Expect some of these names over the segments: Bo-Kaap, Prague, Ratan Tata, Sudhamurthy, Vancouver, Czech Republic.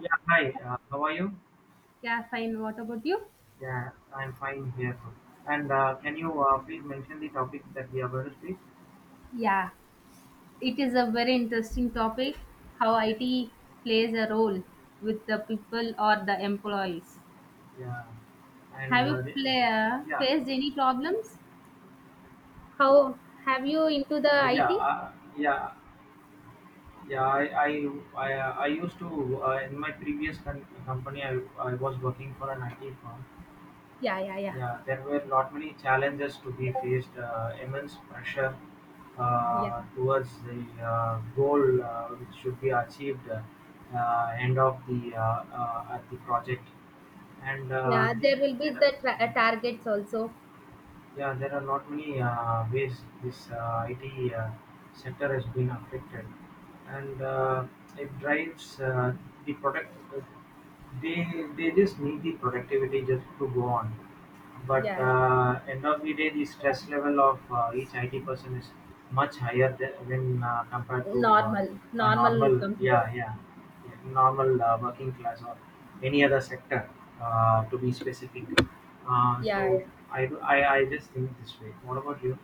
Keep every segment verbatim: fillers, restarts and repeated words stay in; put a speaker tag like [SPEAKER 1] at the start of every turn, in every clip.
[SPEAKER 1] Yeah, hi. Uh, how are you?
[SPEAKER 2] Yeah, fine. What about you?
[SPEAKER 1] Yeah, I'm fine here. And uh, can you uh, please mention the topic that we are going to speak?
[SPEAKER 2] Yeah, it is a very interesting topic how
[SPEAKER 1] Okay.
[SPEAKER 2] I T plays a role with the people or the employees.
[SPEAKER 1] Yeah. And
[SPEAKER 2] Have you
[SPEAKER 1] uh, the-
[SPEAKER 2] play, uh,
[SPEAKER 1] yeah,
[SPEAKER 2] faced any problems? How have you into the
[SPEAKER 1] uh, yeah,
[SPEAKER 2] I T?
[SPEAKER 1] uh, yeah, yeah. I I I, uh, I used to, uh, in my previous con- company. I, I was working for an I T firm.
[SPEAKER 2] Yeah, yeah, yeah.
[SPEAKER 1] Yeah, there were not many challenges to be faced. Uh, immense pressure,
[SPEAKER 2] Yeah.
[SPEAKER 1] uh, towards the uh, goal, uh, which should be achieved, uh, end of the uh, uh, at the project. And uh,
[SPEAKER 2] Yeah, there
[SPEAKER 1] there,
[SPEAKER 2] will be
[SPEAKER 1] there,
[SPEAKER 2] the tra- uh, targets also.
[SPEAKER 1] yeah, there are not many uh, ways this uh, I T, uh, sector has been affected. And uh, it drives, uh, the product. They they just need the productivity just to go on, but
[SPEAKER 2] Yeah,
[SPEAKER 1] uh, end of the day, the stress level of uh, each I T person is much higher than, than uh, compared to uh,
[SPEAKER 2] normal,
[SPEAKER 1] a
[SPEAKER 2] normal
[SPEAKER 1] normal.
[SPEAKER 2] computer.
[SPEAKER 1] Yeah, yeah, normal, uh, working class or any other sector, uh, to be specific. Uh,
[SPEAKER 2] Yeah,
[SPEAKER 1] so
[SPEAKER 2] yeah.
[SPEAKER 1] I, do- I I just think this way. What about you?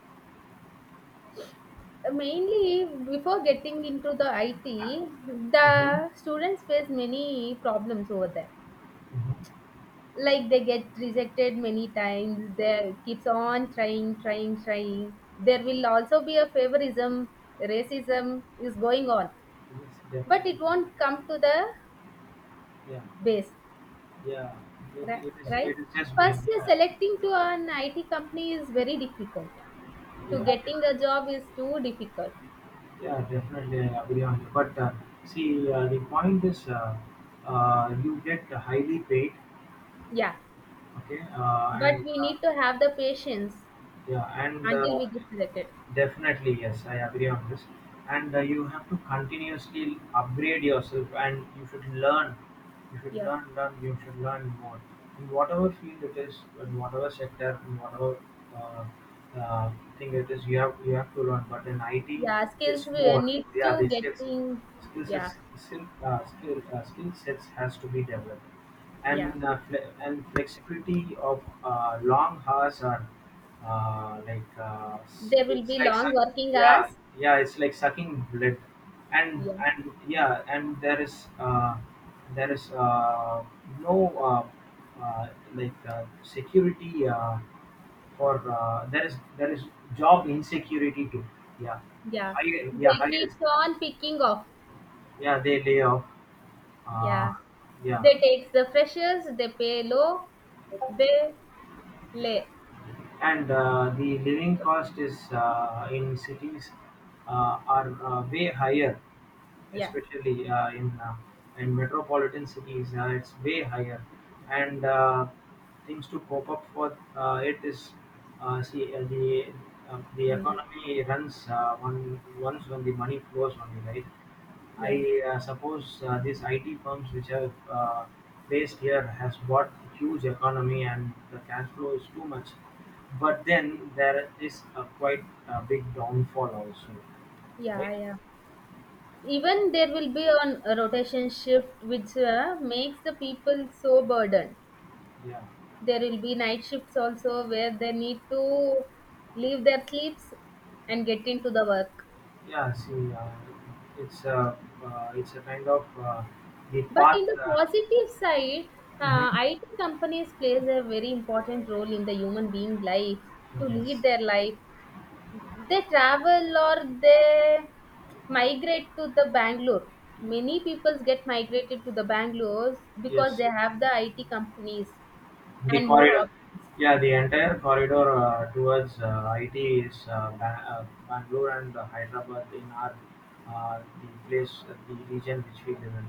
[SPEAKER 2] Uh, Mainly before getting into the I T,
[SPEAKER 1] Mm-hmm.
[SPEAKER 2] the students face many problems over there.
[SPEAKER 1] Mm-hmm.
[SPEAKER 2] Like they get rejected many times. They keeps on trying, trying, trying. There will also be a favorism, racism is going on,
[SPEAKER 1] Yes,
[SPEAKER 2] but
[SPEAKER 1] definitely.
[SPEAKER 2] it won't come to the
[SPEAKER 1] Yeah,
[SPEAKER 2] base.
[SPEAKER 1] yeah. It,
[SPEAKER 2] ri-
[SPEAKER 1] it is it
[SPEAKER 2] right,
[SPEAKER 1] is just me.
[SPEAKER 2] first uh,
[SPEAKER 1] Yeah,
[SPEAKER 2] selecting to an it company is very difficult. To
[SPEAKER 1] yeah,
[SPEAKER 2] getting a job is too difficult,
[SPEAKER 1] yeah. Definitely, I agree on you. But uh, see, uh, the point is, uh, uh, you get highly paid.
[SPEAKER 2] yeah,
[SPEAKER 1] Okay, uh,
[SPEAKER 2] but
[SPEAKER 1] and
[SPEAKER 2] we
[SPEAKER 1] uh,
[SPEAKER 2] need to have the patience
[SPEAKER 1] yeah, and uh,
[SPEAKER 2] until we get selected.
[SPEAKER 1] definitely, yes, I agree on this. And uh, you have to continuously upgrade yourself, and you should learn. You should
[SPEAKER 2] Yeah,
[SPEAKER 1] learn, learn. You should learn more in whatever field it is, in whatever sector, in whatever uh, uh, thing it is. You have you have to learn. But in I T,
[SPEAKER 2] yeah, skills
[SPEAKER 1] it's
[SPEAKER 2] we-
[SPEAKER 1] more.
[SPEAKER 2] needs to
[SPEAKER 1] Yeah, the skills,
[SPEAKER 2] getting,
[SPEAKER 1] skills,
[SPEAKER 2] yeah,
[SPEAKER 1] is- skill, uh, skill, uh, skill sets has to be developed,
[SPEAKER 2] yeah.
[SPEAKER 1] and uh, fle- and flexibility of uh, long hours are, uh, like, uh, s-
[SPEAKER 2] There will
[SPEAKER 1] it's
[SPEAKER 2] be
[SPEAKER 1] like
[SPEAKER 2] long
[SPEAKER 1] suck,
[SPEAKER 2] working
[SPEAKER 1] yeah,
[SPEAKER 2] hours.
[SPEAKER 1] yeah, it's like sucking blood. and
[SPEAKER 2] Yeah,
[SPEAKER 1] and yeah, and there is uh, there is, uh, no, uh, uh, like, uh, security, uh, for, uh, there is there is job insecurity too, yeah,
[SPEAKER 2] yeah.
[SPEAKER 1] high, yeah,
[SPEAKER 2] They
[SPEAKER 1] high
[SPEAKER 2] keep
[SPEAKER 1] risk,
[SPEAKER 2] on picking off.
[SPEAKER 1] yeah, they lay off, uh,
[SPEAKER 2] Yeah,
[SPEAKER 1] yeah.
[SPEAKER 2] they take the freshers. They pay low. They lay.
[SPEAKER 1] And uh, the living cost is, uh, in cities, uh, are, uh, way higher,
[SPEAKER 2] Yeah.
[SPEAKER 1] especially uh, in uh, in metropolitan cities, uh, it's way higher. And uh, things to cope up for, uh, it is, uh, see, uh, the uh, the
[SPEAKER 2] Mm,
[SPEAKER 1] economy runs, uh, one once when the money flows only, right?
[SPEAKER 2] yeah,
[SPEAKER 1] I uh, suppose uh, these I T firms which have uh, based here has bought huge economy, and the cash flow is too much. But then there is a quite a big downfall also,
[SPEAKER 2] yeah,
[SPEAKER 1] right?
[SPEAKER 2] yeah. Even there will be on a rotation shift, which uh, makes the people so burdened.
[SPEAKER 1] Yeah,
[SPEAKER 2] There will be night shifts also where they need to leave their sleeps and get into the work.
[SPEAKER 1] yeah. See, uh, it's a uh, it's a kind of, uh, the
[SPEAKER 2] But
[SPEAKER 1] path.
[SPEAKER 2] in the
[SPEAKER 1] Uh,
[SPEAKER 2] positive side, uh,
[SPEAKER 1] Mhm.
[SPEAKER 2] I T companies plays a very important role in the human being life to
[SPEAKER 1] Yes,
[SPEAKER 2] lead their life. They travel or they migrate to the Bangalore. Many people get migrated to the Bangalore because
[SPEAKER 1] yes.
[SPEAKER 2] they have the I T companies
[SPEAKER 1] The
[SPEAKER 2] and more
[SPEAKER 1] corridor,
[SPEAKER 2] options.
[SPEAKER 1] yeah, the entire corridor, uh, towards uh, I T is, uh, ba- uh, Bangalore and uh, Hyderabad in our, uh, the place, uh, the region which we live in.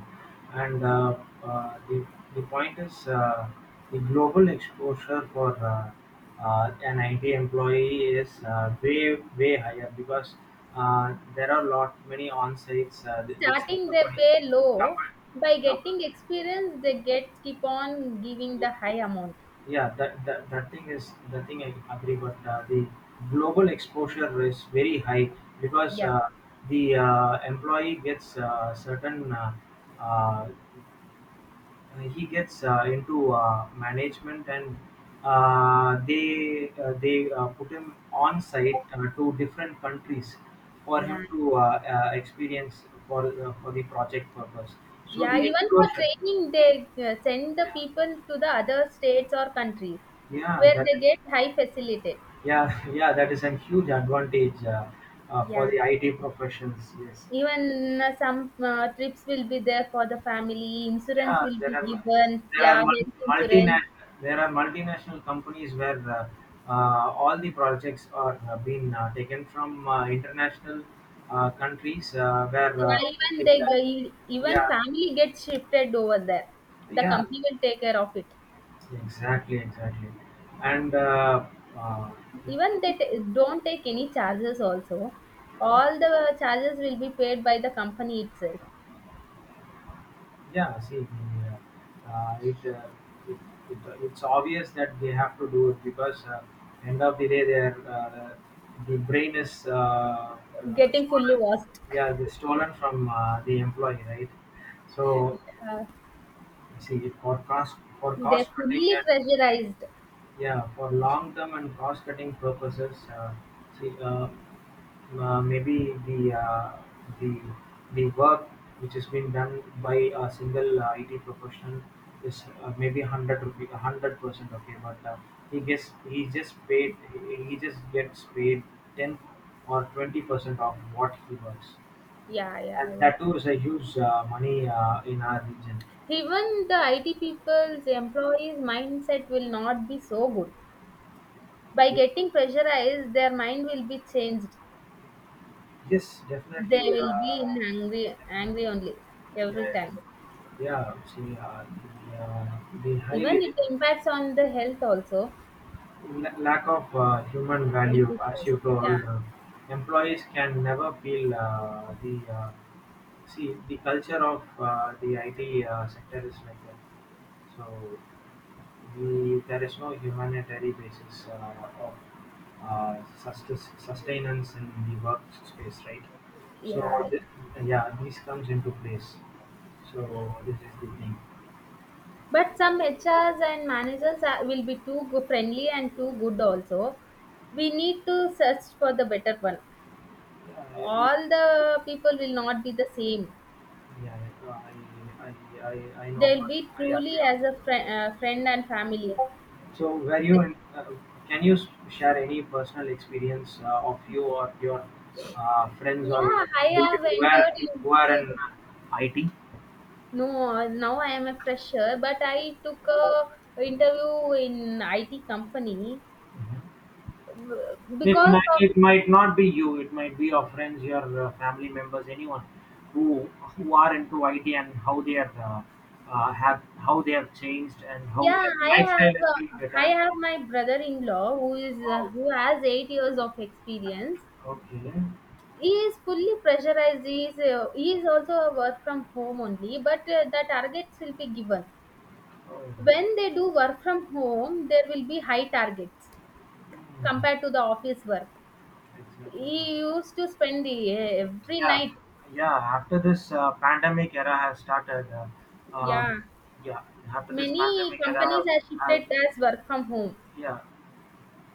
[SPEAKER 1] And uh, uh, the the point is, uh, the global exposure for, uh, uh, an I T employee is, uh, way way higher, because uh, there are lot many on sites, uh, which the
[SPEAKER 2] Starting they
[SPEAKER 1] companies
[SPEAKER 2] pay low,
[SPEAKER 1] company
[SPEAKER 2] by
[SPEAKER 1] you know
[SPEAKER 2] getting experience they get keep on giving the high amount.
[SPEAKER 1] Yeah, that, that that thing is the thing I agree, but uh, the global exposure is very high because
[SPEAKER 2] Yeah,
[SPEAKER 1] uh, the uh, employee gets uh, certain, uh, uh, he gets uh, into uh, management, and uh, they uh, they uh, put him on site uh, to different countries for
[SPEAKER 2] yeah.
[SPEAKER 1] him to, uh, uh, experience for, uh, for the project purpose. So
[SPEAKER 2] Yeah,
[SPEAKER 1] the
[SPEAKER 2] even for
[SPEAKER 1] exposure,
[SPEAKER 2] training, they uh, send the
[SPEAKER 1] yeah,
[SPEAKER 2] people to the other states or countries
[SPEAKER 1] yeah,
[SPEAKER 2] where
[SPEAKER 1] that
[SPEAKER 2] they
[SPEAKER 1] is.
[SPEAKER 2] get high facility.
[SPEAKER 1] Yeah, yeah, that is a huge advantage, uh, uh, for
[SPEAKER 2] Yeah,
[SPEAKER 1] the I T professions. Yes,
[SPEAKER 2] even uh, some uh, trips will be there for the family, insurance
[SPEAKER 1] yeah,
[SPEAKER 2] will
[SPEAKER 1] there
[SPEAKER 2] be
[SPEAKER 1] are
[SPEAKER 2] given.
[SPEAKER 1] there
[SPEAKER 2] Yeah,
[SPEAKER 1] are mul-
[SPEAKER 2] health insurance.
[SPEAKER 1] multinational there are multinational companies where, uh, uh, all the projects are uh, being uh, taken from uh, international uh, countries uh, where,
[SPEAKER 2] Yeah,
[SPEAKER 1] uh,
[SPEAKER 2] even
[SPEAKER 1] it,
[SPEAKER 2] they g- even
[SPEAKER 1] yeah,
[SPEAKER 2] family gets shifted over there. The
[SPEAKER 1] yeah,
[SPEAKER 2] company will take care of it.
[SPEAKER 1] exactly, exactly, and uh, uh,
[SPEAKER 2] Even they t- don't take any charges also. All the charges will be paid by the company itself.
[SPEAKER 1] yeah, see, uh, uh, it, uh, it, it uh, it's obvious that they have to do it because uh, end of the day, their, uh, the brain is, uh, uh,
[SPEAKER 2] Getting fully
[SPEAKER 1] stolen.
[SPEAKER 2] washed.
[SPEAKER 1] Yeah, they stolen from uh, the employee, right? So, see, for cost for
[SPEAKER 2] They're
[SPEAKER 1] cost cutting,
[SPEAKER 2] fully
[SPEAKER 1] and
[SPEAKER 2] pressurized.
[SPEAKER 1] yeah, for long term and cost cutting purposes, uh, see. Uh, uh, maybe the, uh, the the work which is being done by a single, uh, I T professional is, uh, maybe hundred rupee, hundred percent okay, but uh, he gets he just paid he he just gets paid ten or twenty percent of what he works,
[SPEAKER 2] Yeah,
[SPEAKER 1] and
[SPEAKER 2] yeah, yeah.
[SPEAKER 1] that too is a huge, uh, money, uh, in our region.
[SPEAKER 2] Even the I T people's employees' mindset will not be so good. By
[SPEAKER 1] Ye-
[SPEAKER 2] getting pressurized, their mind will be changed.
[SPEAKER 1] Yes,
[SPEAKER 2] They
[SPEAKER 1] definitely.
[SPEAKER 2] will be
[SPEAKER 1] Uh,
[SPEAKER 2] in angry,
[SPEAKER 1] definitely.
[SPEAKER 2] angry only
[SPEAKER 1] Yeah,
[SPEAKER 2] every
[SPEAKER 1] yeah.
[SPEAKER 2] time.
[SPEAKER 1] Yeah. See, uh, the, uh, the high
[SPEAKER 2] Even
[SPEAKER 1] leader.
[SPEAKER 2] it impacts on the health also.
[SPEAKER 1] L- Lack of uh, human
[SPEAKER 2] Health
[SPEAKER 1] value, as
[SPEAKER 2] issues.
[SPEAKER 1] you
[SPEAKER 2] Yeah,
[SPEAKER 1] told, uh, employees can never feel uh, the, uh, see the culture of uh, the I T, uh, sector is like that. So we there is no humanitarian basis uh, of uh, sustes- sustenance in the work space, right?
[SPEAKER 2] yeah,
[SPEAKER 1] So th-
[SPEAKER 2] yeah,
[SPEAKER 1] yeah, this comes into place. So
[SPEAKER 2] yeah.
[SPEAKER 1] this is the thing.
[SPEAKER 2] But some H Rs and managers are, will be too go- friendly and too good also. We need to search for the better one,
[SPEAKER 1] Yeah, it,
[SPEAKER 2] all the people will not be the same.
[SPEAKER 1] yeah, I, I, I, I know.
[SPEAKER 2] They'll be
[SPEAKER 1] I
[SPEAKER 2] truly
[SPEAKER 1] agree.
[SPEAKER 2] as a friend, uh, friend and family.
[SPEAKER 1] So, were you
[SPEAKER 2] They-
[SPEAKER 1] in, uh, can you s- share any personal experience uh, of you or your, uh, friends or your
[SPEAKER 2] yeah, I
[SPEAKER 1] family
[SPEAKER 2] have
[SPEAKER 1] who were
[SPEAKER 2] entered into
[SPEAKER 1] who are in
[SPEAKER 2] the,
[SPEAKER 1] I T?
[SPEAKER 2] no. Now I am a fresher, but I took a interview in I T company
[SPEAKER 1] Mhm.
[SPEAKER 2] w-
[SPEAKER 1] It,
[SPEAKER 2] because
[SPEAKER 1] mi-
[SPEAKER 2] of,
[SPEAKER 1] it might not be you. It might be your friends, your, uh, family members, anyone who who are into I T, and how they are, uh, uh, have how they have changed, and how
[SPEAKER 2] yeah.
[SPEAKER 1] their
[SPEAKER 2] I
[SPEAKER 1] lifestyle
[SPEAKER 2] have
[SPEAKER 1] is being
[SPEAKER 2] uh, I
[SPEAKER 1] better.
[SPEAKER 2] have my brother-in-law who is uh,
[SPEAKER 1] Wow.
[SPEAKER 2] who has eight years of experience.
[SPEAKER 1] Okay.
[SPEAKER 2] He is fully pressurized. He is, uh, he is also a work from home only, but uh, the targets will be given.
[SPEAKER 1] Oh.
[SPEAKER 2] When they do work from home, there will be high targets
[SPEAKER 1] Hmm.
[SPEAKER 2] compared to the office work.
[SPEAKER 1] Exactly.
[SPEAKER 2] He used to spend the, uh, every
[SPEAKER 1] Yeah,
[SPEAKER 2] night,
[SPEAKER 1] yeah. After this uh, pandemic era has started, uh,
[SPEAKER 2] yeah,
[SPEAKER 1] um, yeah. After this
[SPEAKER 2] many
[SPEAKER 1] pandemic
[SPEAKER 2] companies
[SPEAKER 1] era,
[SPEAKER 2] have
[SPEAKER 1] uh,
[SPEAKER 2] shifted as work from home,
[SPEAKER 1] yeah,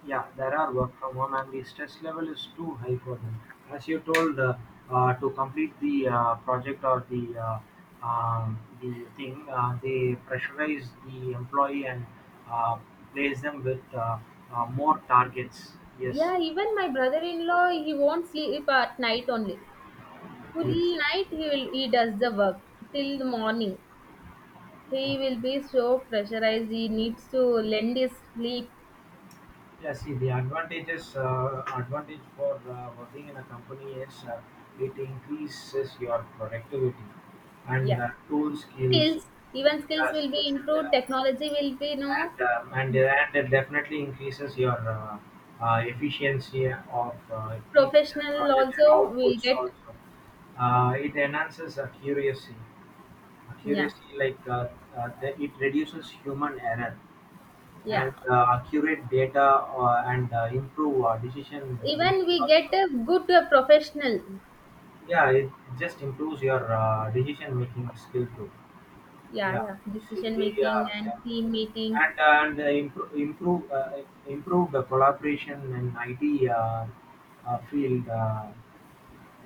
[SPEAKER 1] yeah. There are work from home, and the stress level is too high for them. As you told, uh, uh, to complete the, uh, project or the, uh, um, the thing, uh, they pressurize the employee and, uh, place them with, uh, uh, more targets. Yes,
[SPEAKER 2] yeah, even my brother-in-law. He won't sleep at night only, full
[SPEAKER 1] yes.
[SPEAKER 2] night he will, he does the work till the morning. He will be so pressurized. He needs to lend his sleep.
[SPEAKER 1] Yeah, see, the advantages, uh, advantage for uh, working in a company is, uh, it increases your productivity and
[SPEAKER 2] Yeah.
[SPEAKER 1] uh, tool skills,
[SPEAKER 2] Skills, even skills
[SPEAKER 1] uh,
[SPEAKER 2] will be
[SPEAKER 1] skills,
[SPEAKER 2] improved.
[SPEAKER 1] uh,
[SPEAKER 2] Technology will be, no,
[SPEAKER 1] and uh, and uh, and it definitely increases your, uh, uh, efficiency of uh, each uh,
[SPEAKER 2] professional
[SPEAKER 1] project and
[SPEAKER 2] also will
[SPEAKER 1] outputs
[SPEAKER 2] get,
[SPEAKER 1] also. Uh, it enhances accuracy.
[SPEAKER 2] yeah,
[SPEAKER 1] Accuracy, like, uh, uh, the, it reduces human error,
[SPEAKER 2] yeah.
[SPEAKER 1] and uh, accurate data, uh, and uh, improve uh, decision
[SPEAKER 2] Even
[SPEAKER 1] making
[SPEAKER 2] we get
[SPEAKER 1] also.
[SPEAKER 2] a good uh, professional,
[SPEAKER 1] Yeah, it just improves your uh, decision making skill too.
[SPEAKER 2] yeah,
[SPEAKER 1] Yeah,
[SPEAKER 2] yeah,
[SPEAKER 1] see
[SPEAKER 2] decision
[SPEAKER 1] the
[SPEAKER 2] making
[SPEAKER 1] uh, yeah.
[SPEAKER 2] and team meeting.
[SPEAKER 1] and uh, and uh, improve improve uh, improve the collaboration in I T, uh, uh, field, uh,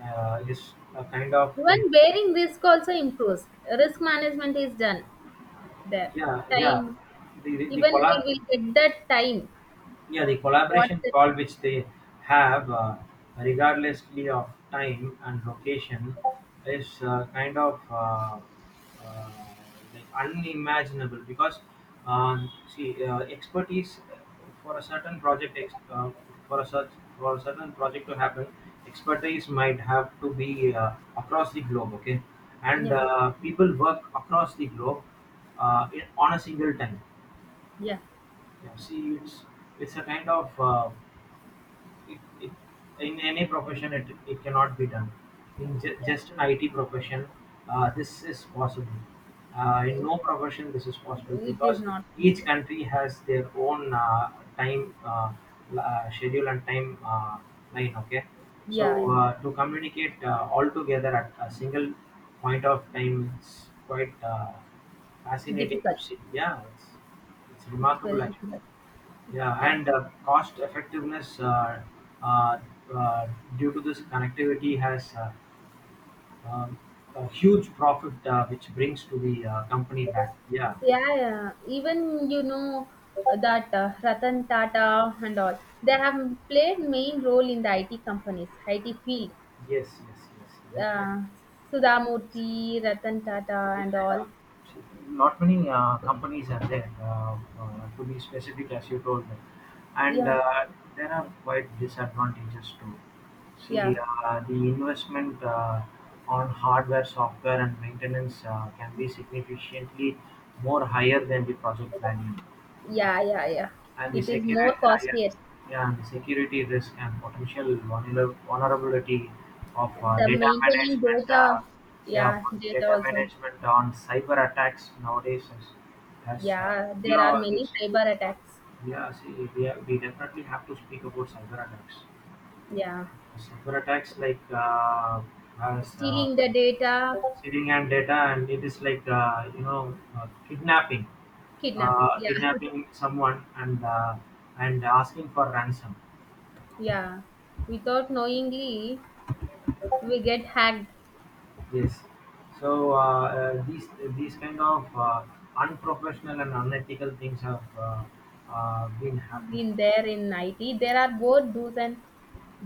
[SPEAKER 1] uh, is a kind of thing.
[SPEAKER 2] Even bearing risk also improves. Risk management is done. The
[SPEAKER 1] Yeah, yeah,
[SPEAKER 2] time,
[SPEAKER 1] the the, the
[SPEAKER 2] even
[SPEAKER 1] collab.
[SPEAKER 2] we will get that time.
[SPEAKER 1] Yeah, the
[SPEAKER 2] What,
[SPEAKER 1] collaboration
[SPEAKER 2] the,
[SPEAKER 1] call which they have, uh, regardlessly of time and location, is uh, kind of, uh, uh, like unimaginable, because um, see, uh, expertise for a certain project, ex- uh, for a such for a certain project to happen, expertise might have to be uh, across the globe. Okay, and
[SPEAKER 2] yeah,
[SPEAKER 1] uh, people work across the globe, uh, in, on a single time.
[SPEAKER 2] yeah,
[SPEAKER 1] Yeah, see, it's it's a kind of, uh, it, it, in any profession it, it cannot be done in ju-
[SPEAKER 2] yeah.
[SPEAKER 1] just an I T profession. Uh, this is possible, uh, in no profession this is possible,
[SPEAKER 2] It is
[SPEAKER 1] because
[SPEAKER 2] not
[SPEAKER 1] each
[SPEAKER 2] possible.
[SPEAKER 1] country has their own, uh, time, uh, l- uh, schedule and time, uh, line. Okay,
[SPEAKER 2] Yeah,
[SPEAKER 1] so
[SPEAKER 2] yeah.
[SPEAKER 1] uh, to communicate, uh, all together at a single point of time, it's quite, uh, fascinating to
[SPEAKER 2] Difficult.
[SPEAKER 1] see. Yeah, it's, it's
[SPEAKER 2] It's
[SPEAKER 1] remarkable
[SPEAKER 2] very
[SPEAKER 1] actually.
[SPEAKER 2] difficult.
[SPEAKER 1] Yeah,
[SPEAKER 2] Yeah.
[SPEAKER 1] and uh, cost effectiveness, uh, uh, uh, due to this connectivity has, uh, um, a huge profit, uh, which brings to the uh, company back. Yeah,
[SPEAKER 2] Yeah, yeah. Even you know uh, that uh, Ratan Tata and all, they have played main role in the I T companies, I T field.
[SPEAKER 1] yes, yes, yes, definitely.
[SPEAKER 2] Uh, Sudhamurthy, Ratan Tata and
[SPEAKER 1] Yeah.
[SPEAKER 2] all.
[SPEAKER 1] Not many uh, companies are there, uh, uh, to be specific, as you told me. And
[SPEAKER 2] Yeah,
[SPEAKER 1] uh, there are quite disadvantages too. See,
[SPEAKER 2] yeah.
[SPEAKER 1] uh, the investment uh, on hardware, software, and maintenance, uh, can be significantly more higher than the project value.
[SPEAKER 2] Yeah,
[SPEAKER 1] Okay,
[SPEAKER 2] yeah, yeah.
[SPEAKER 1] and the
[SPEAKER 2] It is more
[SPEAKER 1] security, ah, yeah,
[SPEAKER 2] costlier.
[SPEAKER 1] yeah, the security risk and potential vulner- vulnerability of uh,
[SPEAKER 2] The
[SPEAKER 1] data
[SPEAKER 2] maintaining
[SPEAKER 1] management,
[SPEAKER 2] data,
[SPEAKER 1] uh, yeah,
[SPEAKER 2] yeah,
[SPEAKER 1] for
[SPEAKER 2] data
[SPEAKER 1] data
[SPEAKER 2] also.
[SPEAKER 1] management on cyber attacks nowadays is, has, uh,
[SPEAKER 2] Yeah,
[SPEAKER 1] you
[SPEAKER 2] there are
[SPEAKER 1] know,
[SPEAKER 2] many
[SPEAKER 1] this,
[SPEAKER 2] cyber attacks.
[SPEAKER 1] yeah, see, we, have, we definitely have to speak about cyber attacks.
[SPEAKER 2] Yeah.
[SPEAKER 1] Cyber attacks like, uh, as, uh,
[SPEAKER 2] Stealing the data,
[SPEAKER 1] sitting and data, and it is like, uh, you know uh, kidnapping,
[SPEAKER 2] kidnapping.
[SPEAKER 1] uh,
[SPEAKER 2] Yeah,
[SPEAKER 1] kidnapping someone and, uh, and asking for ransom.
[SPEAKER 2] yeah. Without knowingly, we get hacked
[SPEAKER 1] Yes. So, uh, uh, these these kind of, uh, unprofessional and unethical things have, uh, uh, been happening.
[SPEAKER 2] in there in I T. There are both do's and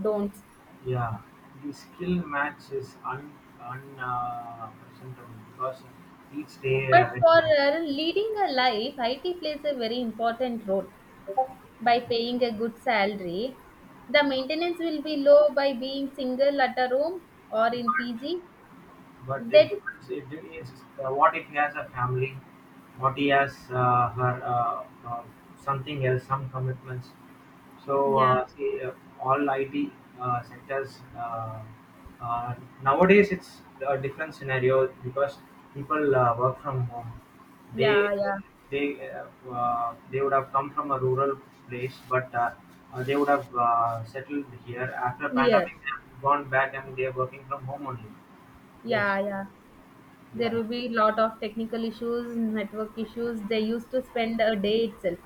[SPEAKER 2] don'ts.
[SPEAKER 1] Yeah, the skill match is un un uh, presentable, because each day,
[SPEAKER 2] But
[SPEAKER 1] uh, it
[SPEAKER 2] for
[SPEAKER 1] ma-
[SPEAKER 2] uh, leading a life, I T plays a very important role. By paying a good salary, the maintenance will be low by being single at a room or in P G.
[SPEAKER 1] but it
[SPEAKER 2] That
[SPEAKER 1] depends. It de- is uh, What if he has a family, what he has, uh, her, uh, uh, something else, some commitments. So,
[SPEAKER 2] yeah,
[SPEAKER 1] uh, see, uh, all I T, uh, sectors, uh, uh, nowadays it's a different scenario, because people uh, work from home. They
[SPEAKER 2] yeah, yeah.
[SPEAKER 1] they uh, uh, they would have come from a rural place, but uh, uh, they would have uh, settled here after
[SPEAKER 2] Here,
[SPEAKER 1] pandemic. They have gone back and they are working from home only. Yes,
[SPEAKER 2] yeah, yeah, there
[SPEAKER 1] yeah.
[SPEAKER 2] will be a lot of technical issues, network issues. They used to spend a day itself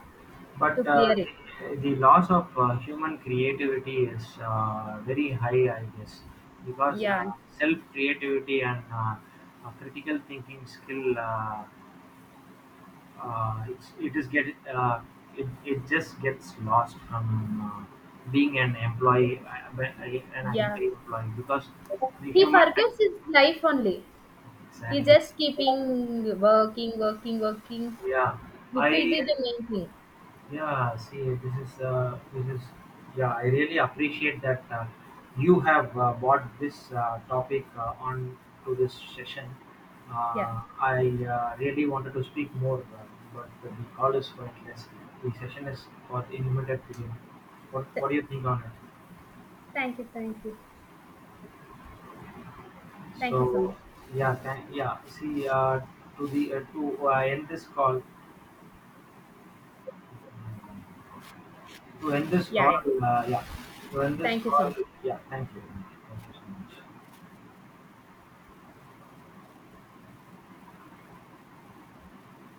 [SPEAKER 2] to
[SPEAKER 1] But uh,
[SPEAKER 2] clear it.
[SPEAKER 1] the, the loss of uh, human creativity is, uh, very high, I guess, because
[SPEAKER 2] Yeah,
[SPEAKER 1] uh, self creativity and, uh, uh, critical thinking skill, uh, uh, it's, it is get uh, it, it just gets lost from uh, being an employee, uh, an
[SPEAKER 2] yeah.
[SPEAKER 1] I T employee, because the
[SPEAKER 2] He
[SPEAKER 1] human tech-
[SPEAKER 2] forgets his life only. He
[SPEAKER 1] exactly.
[SPEAKER 2] just keeping working, working, working.
[SPEAKER 1] Yeah,
[SPEAKER 2] It will
[SPEAKER 1] I
[SPEAKER 2] be the main thing.
[SPEAKER 1] yeah, see, this is, uh, this is yeah. I really appreciate that uh, you have uh, brought this uh, topic uh, on to this session.
[SPEAKER 2] Yeah.
[SPEAKER 1] Uh, I uh, really wanted to speak more, uh, but the call is pointless. The session is for the limited period. What
[SPEAKER 2] Th-
[SPEAKER 1] What do you think on it?
[SPEAKER 2] thank you, thank you, thank you so
[SPEAKER 1] So
[SPEAKER 2] much.
[SPEAKER 1] yeah, thank, yeah. See, uh, to the uh, to uh, end this call, to end this
[SPEAKER 2] Yeah,
[SPEAKER 1] call,
[SPEAKER 2] yeah.
[SPEAKER 1] uh, yeah, to end this
[SPEAKER 2] Thank you so
[SPEAKER 1] call,
[SPEAKER 2] much.
[SPEAKER 1] yeah. Thank you, thank you so much.